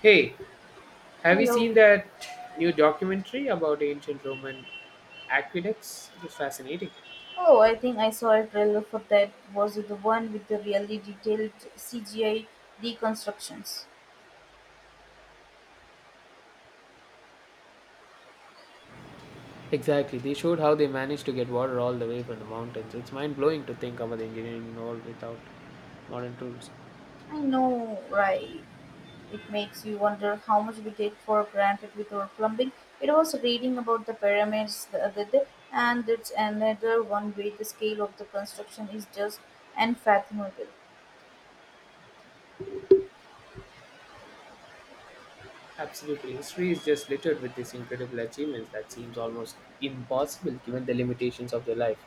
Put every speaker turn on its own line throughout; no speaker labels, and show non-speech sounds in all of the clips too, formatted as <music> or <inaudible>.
Hey, have you
Hello.
seen that new documentary about ancient Roman aqueducts? It was fascinating.
Oh, I think I saw a trailer for that. Was it the one with the really detailed CGI deconstructions?
Exactly. They showed how they managed to get water all the way from the mountains. It's mind blowing to think about the engineering involved without modern tools.
I know, right? It makes you wonder how much we take for granted with our plumbing. It was reading about the pyramids the other day, and it's another one where the scale of the construction is just unfathomable.
Absolutely. History is just littered with these incredible achievements that seems almost impossible given the limitations of their life.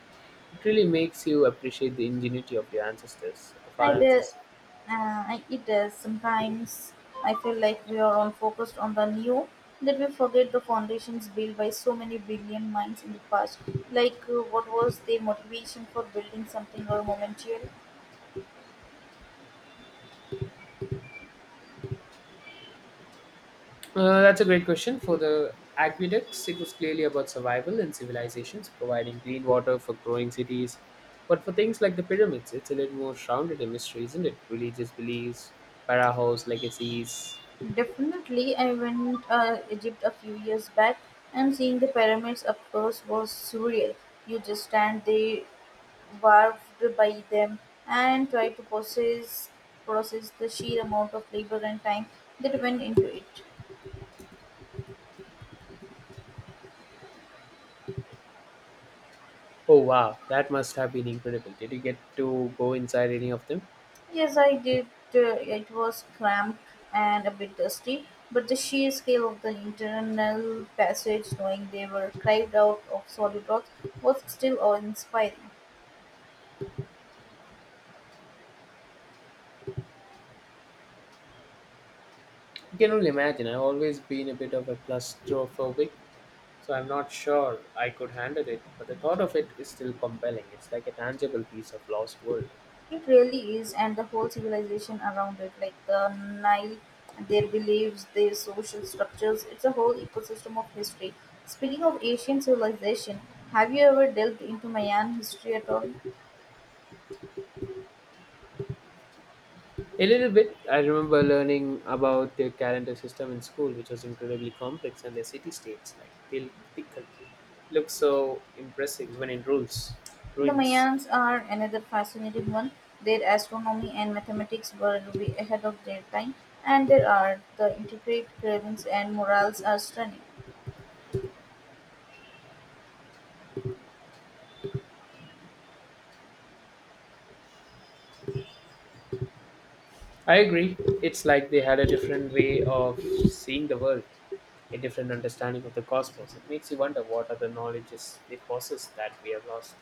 It really makes you appreciate the ingenuity of your ancestors, of our
I did.
ancestors.
It does. Sometimes I feel like we are all focused on the new that we forget the foundations built by so many brilliant minds in the past. What was their motivation for building something or momentarily?
That's a great question. For the aqueducts, it was clearly about survival and civilizations, providing clean water for growing cities. But for things like the pyramids, it's a little more shrouded in mystery, isn't it? Religious beliefs, pharaohs, legacies.
Definitely, I went Egypt a few years back, and seeing the pyramids up close was surreal. You just stand there, warped by them, and try to process the sheer amount of labor and time that went into it.
Oh wow, that must have been incredible. Did you get to go inside any of them?
Yes, I did. It was cramped and a bit dusty, but the sheer scale of the internal passage, knowing they were carved out of solid rocks, was still awe-inspiring.
You can only imagine. I've always been a bit of a claustrophobic, so I'm not sure I could handle it. But the thought of it is still compelling. It's like a tangible piece of lost world.
It really is, and the whole civilization around it, like the Nile, their beliefs, their social structures, it's a whole ecosystem of history. Speaking of ancient civilization, have you ever delved into Mayan history at all?
A little bit. I remember learning about their calendar system in school, which was incredibly complex, and their city states, like Tilkal, look so impressive even in rules,
The
ruins.
Mayans are another fascinating one. Their astronomy and mathematics were way ahead of their time, and their art, the intricate carvings and murals are stunning.
I agree. It's like they had a different way of seeing the world, a different understanding of the cosmos. It makes you wonder what other knowledges they possess that we have lost.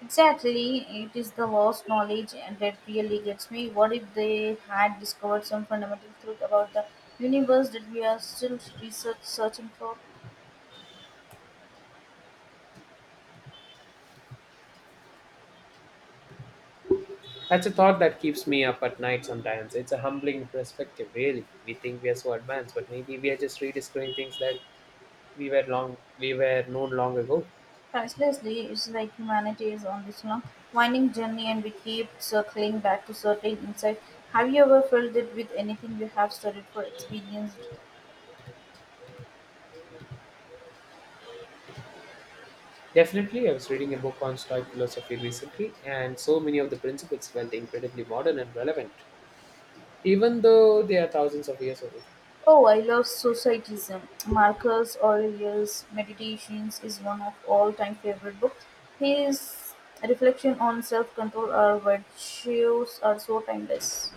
Exactly, it is the lost knowledge and that really gets me. What if they had discovered some fundamental truth about the universe that we are still research searching for?
That's a thought that keeps me up at night sometimes. It's a humbling perspective, really. We think we are so advanced, but maybe we are just rediscovering things that we were known long ago.
Pricelessly, it's like humanity is on this long, winding journey and we keep circling back to certain insights. Have you ever felt it with anything you have studied or experienced?
Definitely, I was reading a book on Stoic philosophy recently, and so many of the principles felt incredibly modern and relevant, even though they are thousands of years old.
Oh, I love Societism. Marcus Aurelius' Meditations is one of all-time favorite books. His reflection on self-control or virtues are so timeless.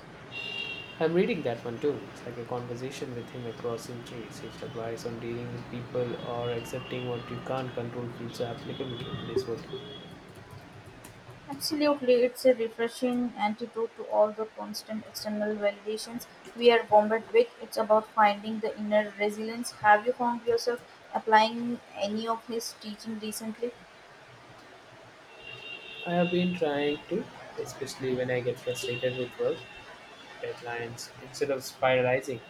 I'm reading that one too. It's like a conversation with him across centuries. His advice on dealing with people or accepting what you can't control feels so applicable to today's world.
Absolutely, it's a refreshing antidote to all the constant external validations we are bombarded with. It's about finding the inner resilience. Have you found yourself applying any of his teaching recently?
I have been trying to, especially when I get frustrated with work deadlines, instead of spiralizing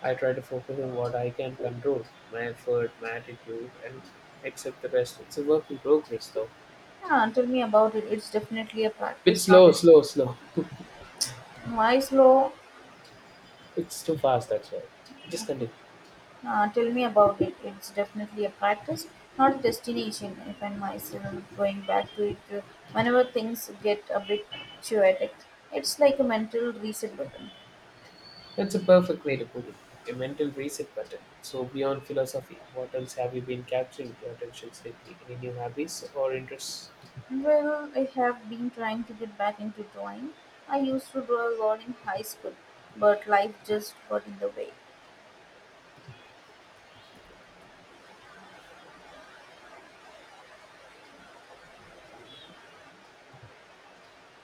I try to focus on what I can control, my effort, my attitude, and accept the rest. It's a work in progress, though.
Ah, tell me about it. It's definitely a
Bit
practice, not
slow,
a
slow, slow.
wise law.
It's too fast, that's why. Just continue.
Ah, tell me about it. It's definitely a practice, not a destination. I find myself going back to it whenever things get a bit chaotic. It's like a mental reset button.
That's a perfect way to put it. A mental reset button. So, beyond philosophy, what else have you been capturing your attention lately? Any new hobbies or interests?
Well, I have been trying to get back into drawing. I used to draw a lot in high school, but life just got in the way.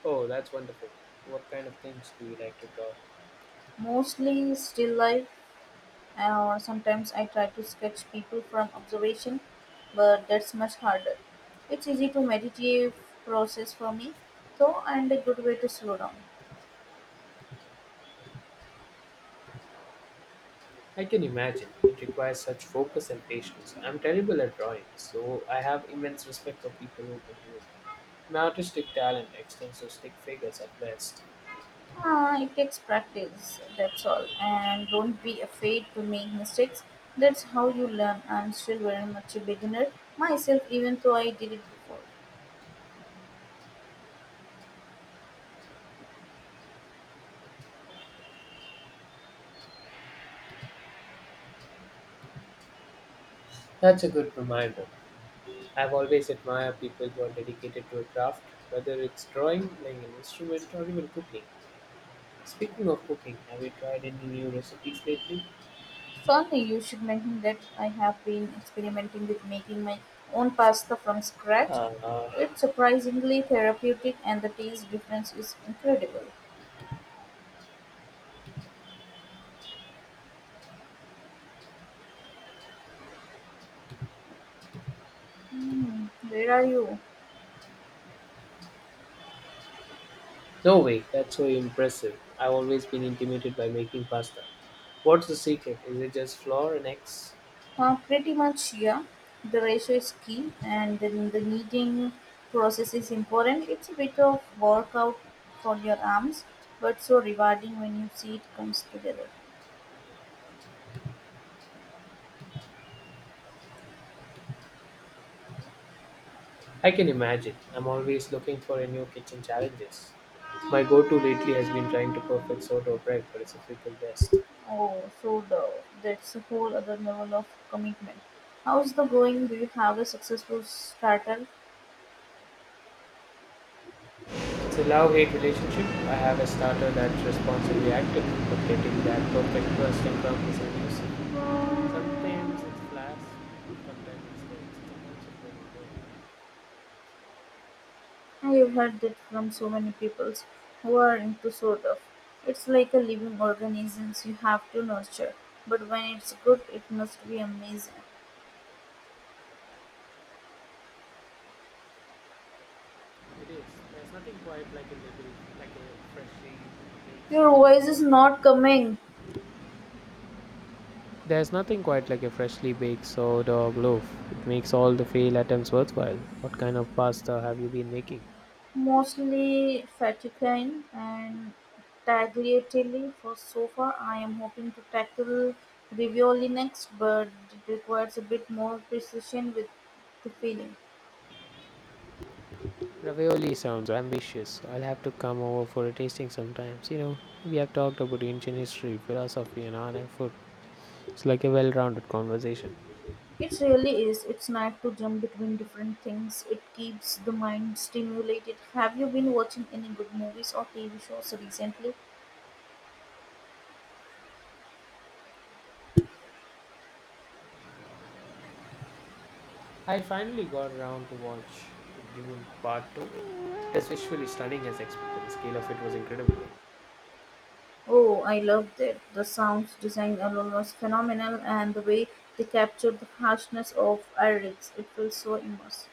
Oh, that's wonderful. What kind of things do you like to draw?
Mostly still life, or sometimes I try to sketch people from observation, but that's much harder. It's easy to meditative process for me, though, and a good way to slow down.
I can imagine. It requires such focus and patience. I'm terrible at drawing, so I have immense respect for people who can do it. My artistic talent extends to stick figures at best.
Ah, it takes practice, that's all. And don't be afraid to make mistakes. That's how you learn. I'm still very much a beginner myself, even though I did it before.
That's a good reminder. I've always admired people who are dedicated to a craft, whether it's drawing, playing an instrument, or even cooking. Speaking of cooking, have you tried any new recipes lately?
Funny, you should mention that I have been experimenting with making my own pasta from scratch.
Uh,
It's surprisingly therapeutic, and the taste difference is incredible. Hmm, where are you?
no way, that's so impressive. I've always been intimidated by making pasta. What's the secret? Is it just flour and eggs?
Pretty much, yeah. The ratio is key, and then the kneading process is important. It's a bit of workout for your arms, but so rewarding when you see it comes together.
I can imagine. I'm always looking for a new kitchen challenges. My go-to lately has been trying to perfect sourdough bread, but it's a freaking mess.
That's a whole other level of commitment. How's the going? Do you have a successful starter?
It's a love-hate relationship. I have a starter that's responsibly active, but getting that perfect trust and love is elusive. Sometimes it's flash, sometimes it's dead. It's a constant learning curve.
I've heard that from so many people who are into sort of. It's like a living organism you have to nurture, but when it's good, it must be amazing.
It is. There's nothing quite like a freshly baked
Your
sourdough
voice is not
loaf.
coming.
There's nothing quite like a freshly baked sourdough loaf. It makes all the fail attempts worthwhile. What kind of pasta have you been making?
Mostly Vatican and tagliatelle for so far. I am hoping to tackle ravioli next, but it requires a bit more precision with the feeling.
Ravioli sounds ambitious. I'll have to come over for a tasting sometimes. We have talked about ancient history, philosophy, and art and food. It's like a well rounded conversation.
It really is. It's nice to jump between different things. It keeps the mind stimulated. Have you been watching any good movies or TV shows recently?
I finally got around to watch Dune Part 2. It's visually stunning as expected. The scale of it was incredible.
Oh, I loved it. The sounds design alone was phenomenal, and the way they captured the harshness of Irix, it feels so immersive.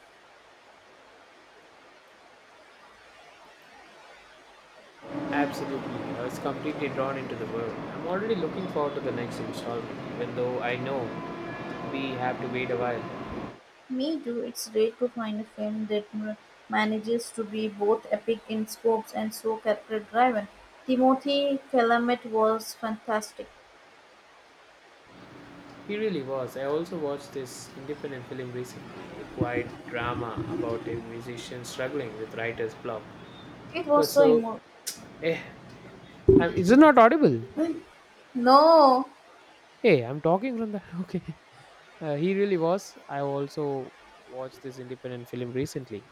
Absolutely. I was completely drawn into the world. I'm already looking forward to the next installment, even though I know we have to wait a while.
Me too, it's great to find a film that manages to be both epic in scopes and so character driven. Timothy Chalamet was fantastic.
He really was. I also watched this independent film recently, a quiet drama about a musician struggling with writer's block.
It
It
was
was
so
so.
emo.
Eh, I'm, is it not audible?
No!
Hey, I'm talking from the. <laughs> Okay. He really was. I also watched this independent film recently,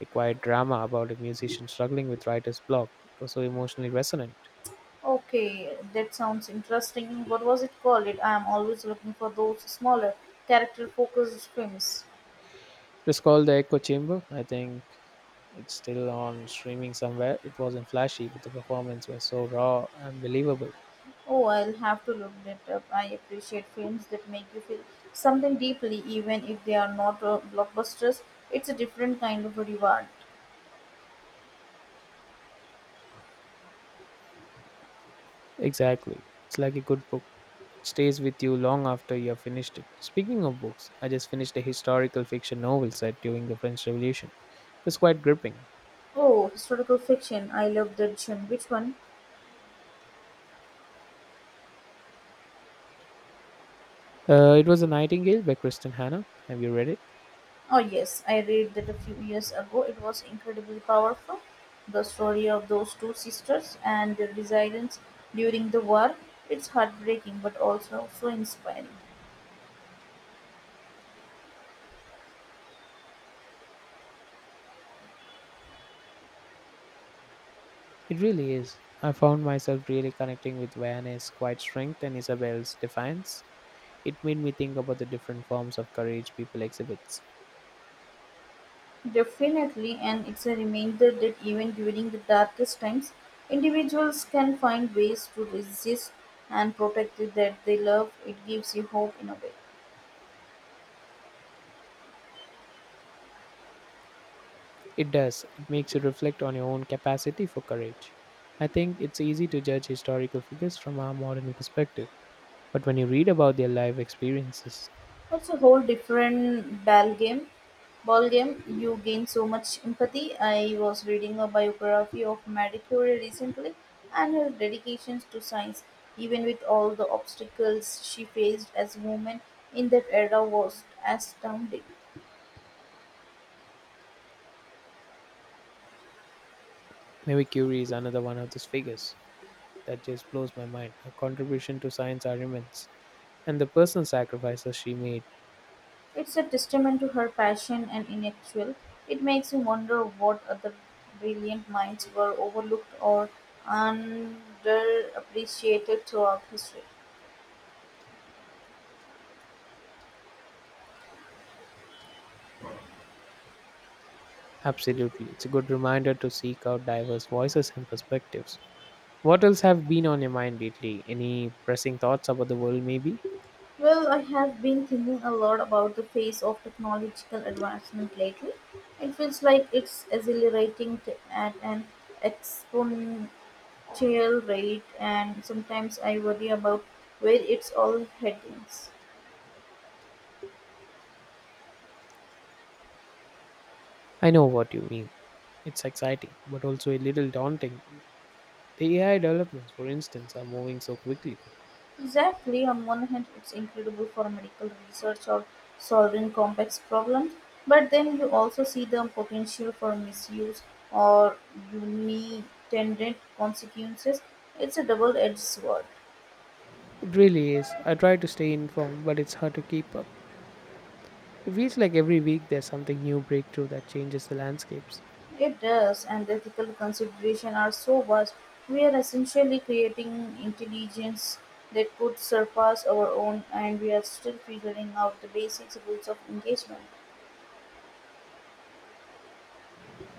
a quiet drama about a musician struggling with writer's block. It was so emotionally resonant.
Okay, that sounds interesting. What was it called? It, I am always looking for those smaller, character focused films.
It was called The Echo Chamber. I think it's still on streaming somewhere. It wasn't flashy, but the performance was so raw and believable.
Oh, I'll have to look that up. I appreciate films that make you feel something deeply, even if they are not blockbusters. It's a different kind of a reward.
Exactly. It's like a good book. It stays with you long after you have finished it. Speaking of books, I just finished a historical fiction novel set during the French Revolution. It was quite gripping.
Oh, historical fiction. I love that genre. Which one?
It was A Nightingale by Kristen Hannah. Have you read it?
Oh, yes, I read that a few years ago. It was incredibly powerful. The story of those two sisters and their resilience during the war. It's heartbreaking, but also so inspiring.
It really is. I found myself really connecting with Vianney's quiet strength and Isabel's defiance. It made me think about the different forms of courage people exhibits.
Definitely, and it's a reminder that even during the darkest times, individuals can find ways to resist and protect it that they love. It gives you hope in a way.
It does. It makes you reflect on your own capacity for courage. I think it's easy to judge historical figures from our modern perspective. But when you read about their life experiences,
That's a whole different ball game. You gain so much empathy. I was reading a biography of Marie Curie recently, and her dedications to science, even with all the obstacles she faced as a woman in that era, was astounding.
maybe Curie is another one of those figures that just blows my mind. Her contribution to science are immense, and the personal sacrifices she made.
It's a testament to her passion and intellectual. It makes you wonder what other brilliant minds were overlooked or underappreciated throughout history.
Absolutely, it's a good reminder to seek out diverse voices and perspectives. What else have been on your mind lately? Any pressing thoughts about the world, maybe?
Well, I have been thinking a lot about the pace of technological advancement lately. It feels like it's accelerating at an exponential rate, and sometimes I worry about where it's all heading.
I know what you mean. It's exciting, but also a little daunting. The AI developments, for instance, are moving so quickly.
Exactly. On one hand, it's incredible for medical research or solving complex problems, but then you also see the potential for misuse or unintended consequences. It's a double edged sword.
It really is. I try to stay informed, but it's hard to keep up. It feels like every week there's something new breakthrough that changes the landscapes.
It does, and the ethical considerations are so vast. We are essentially creating intelligence that could surpass our own, and we are still figuring out the basic rules of engagement.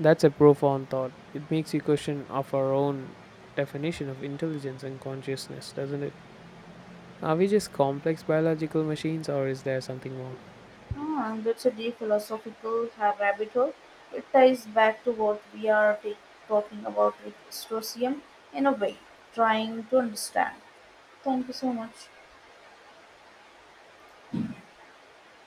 That's a profound thought. It makes you question of our own definition of intelligence and consciousness, doesn't it? Are we just complex biological machines or is there something more?
Ah, and that's a deep philosophical rabbit hole. It ties back to what we are talking about with Stoicism in a way, trying to understand. Thank you so much.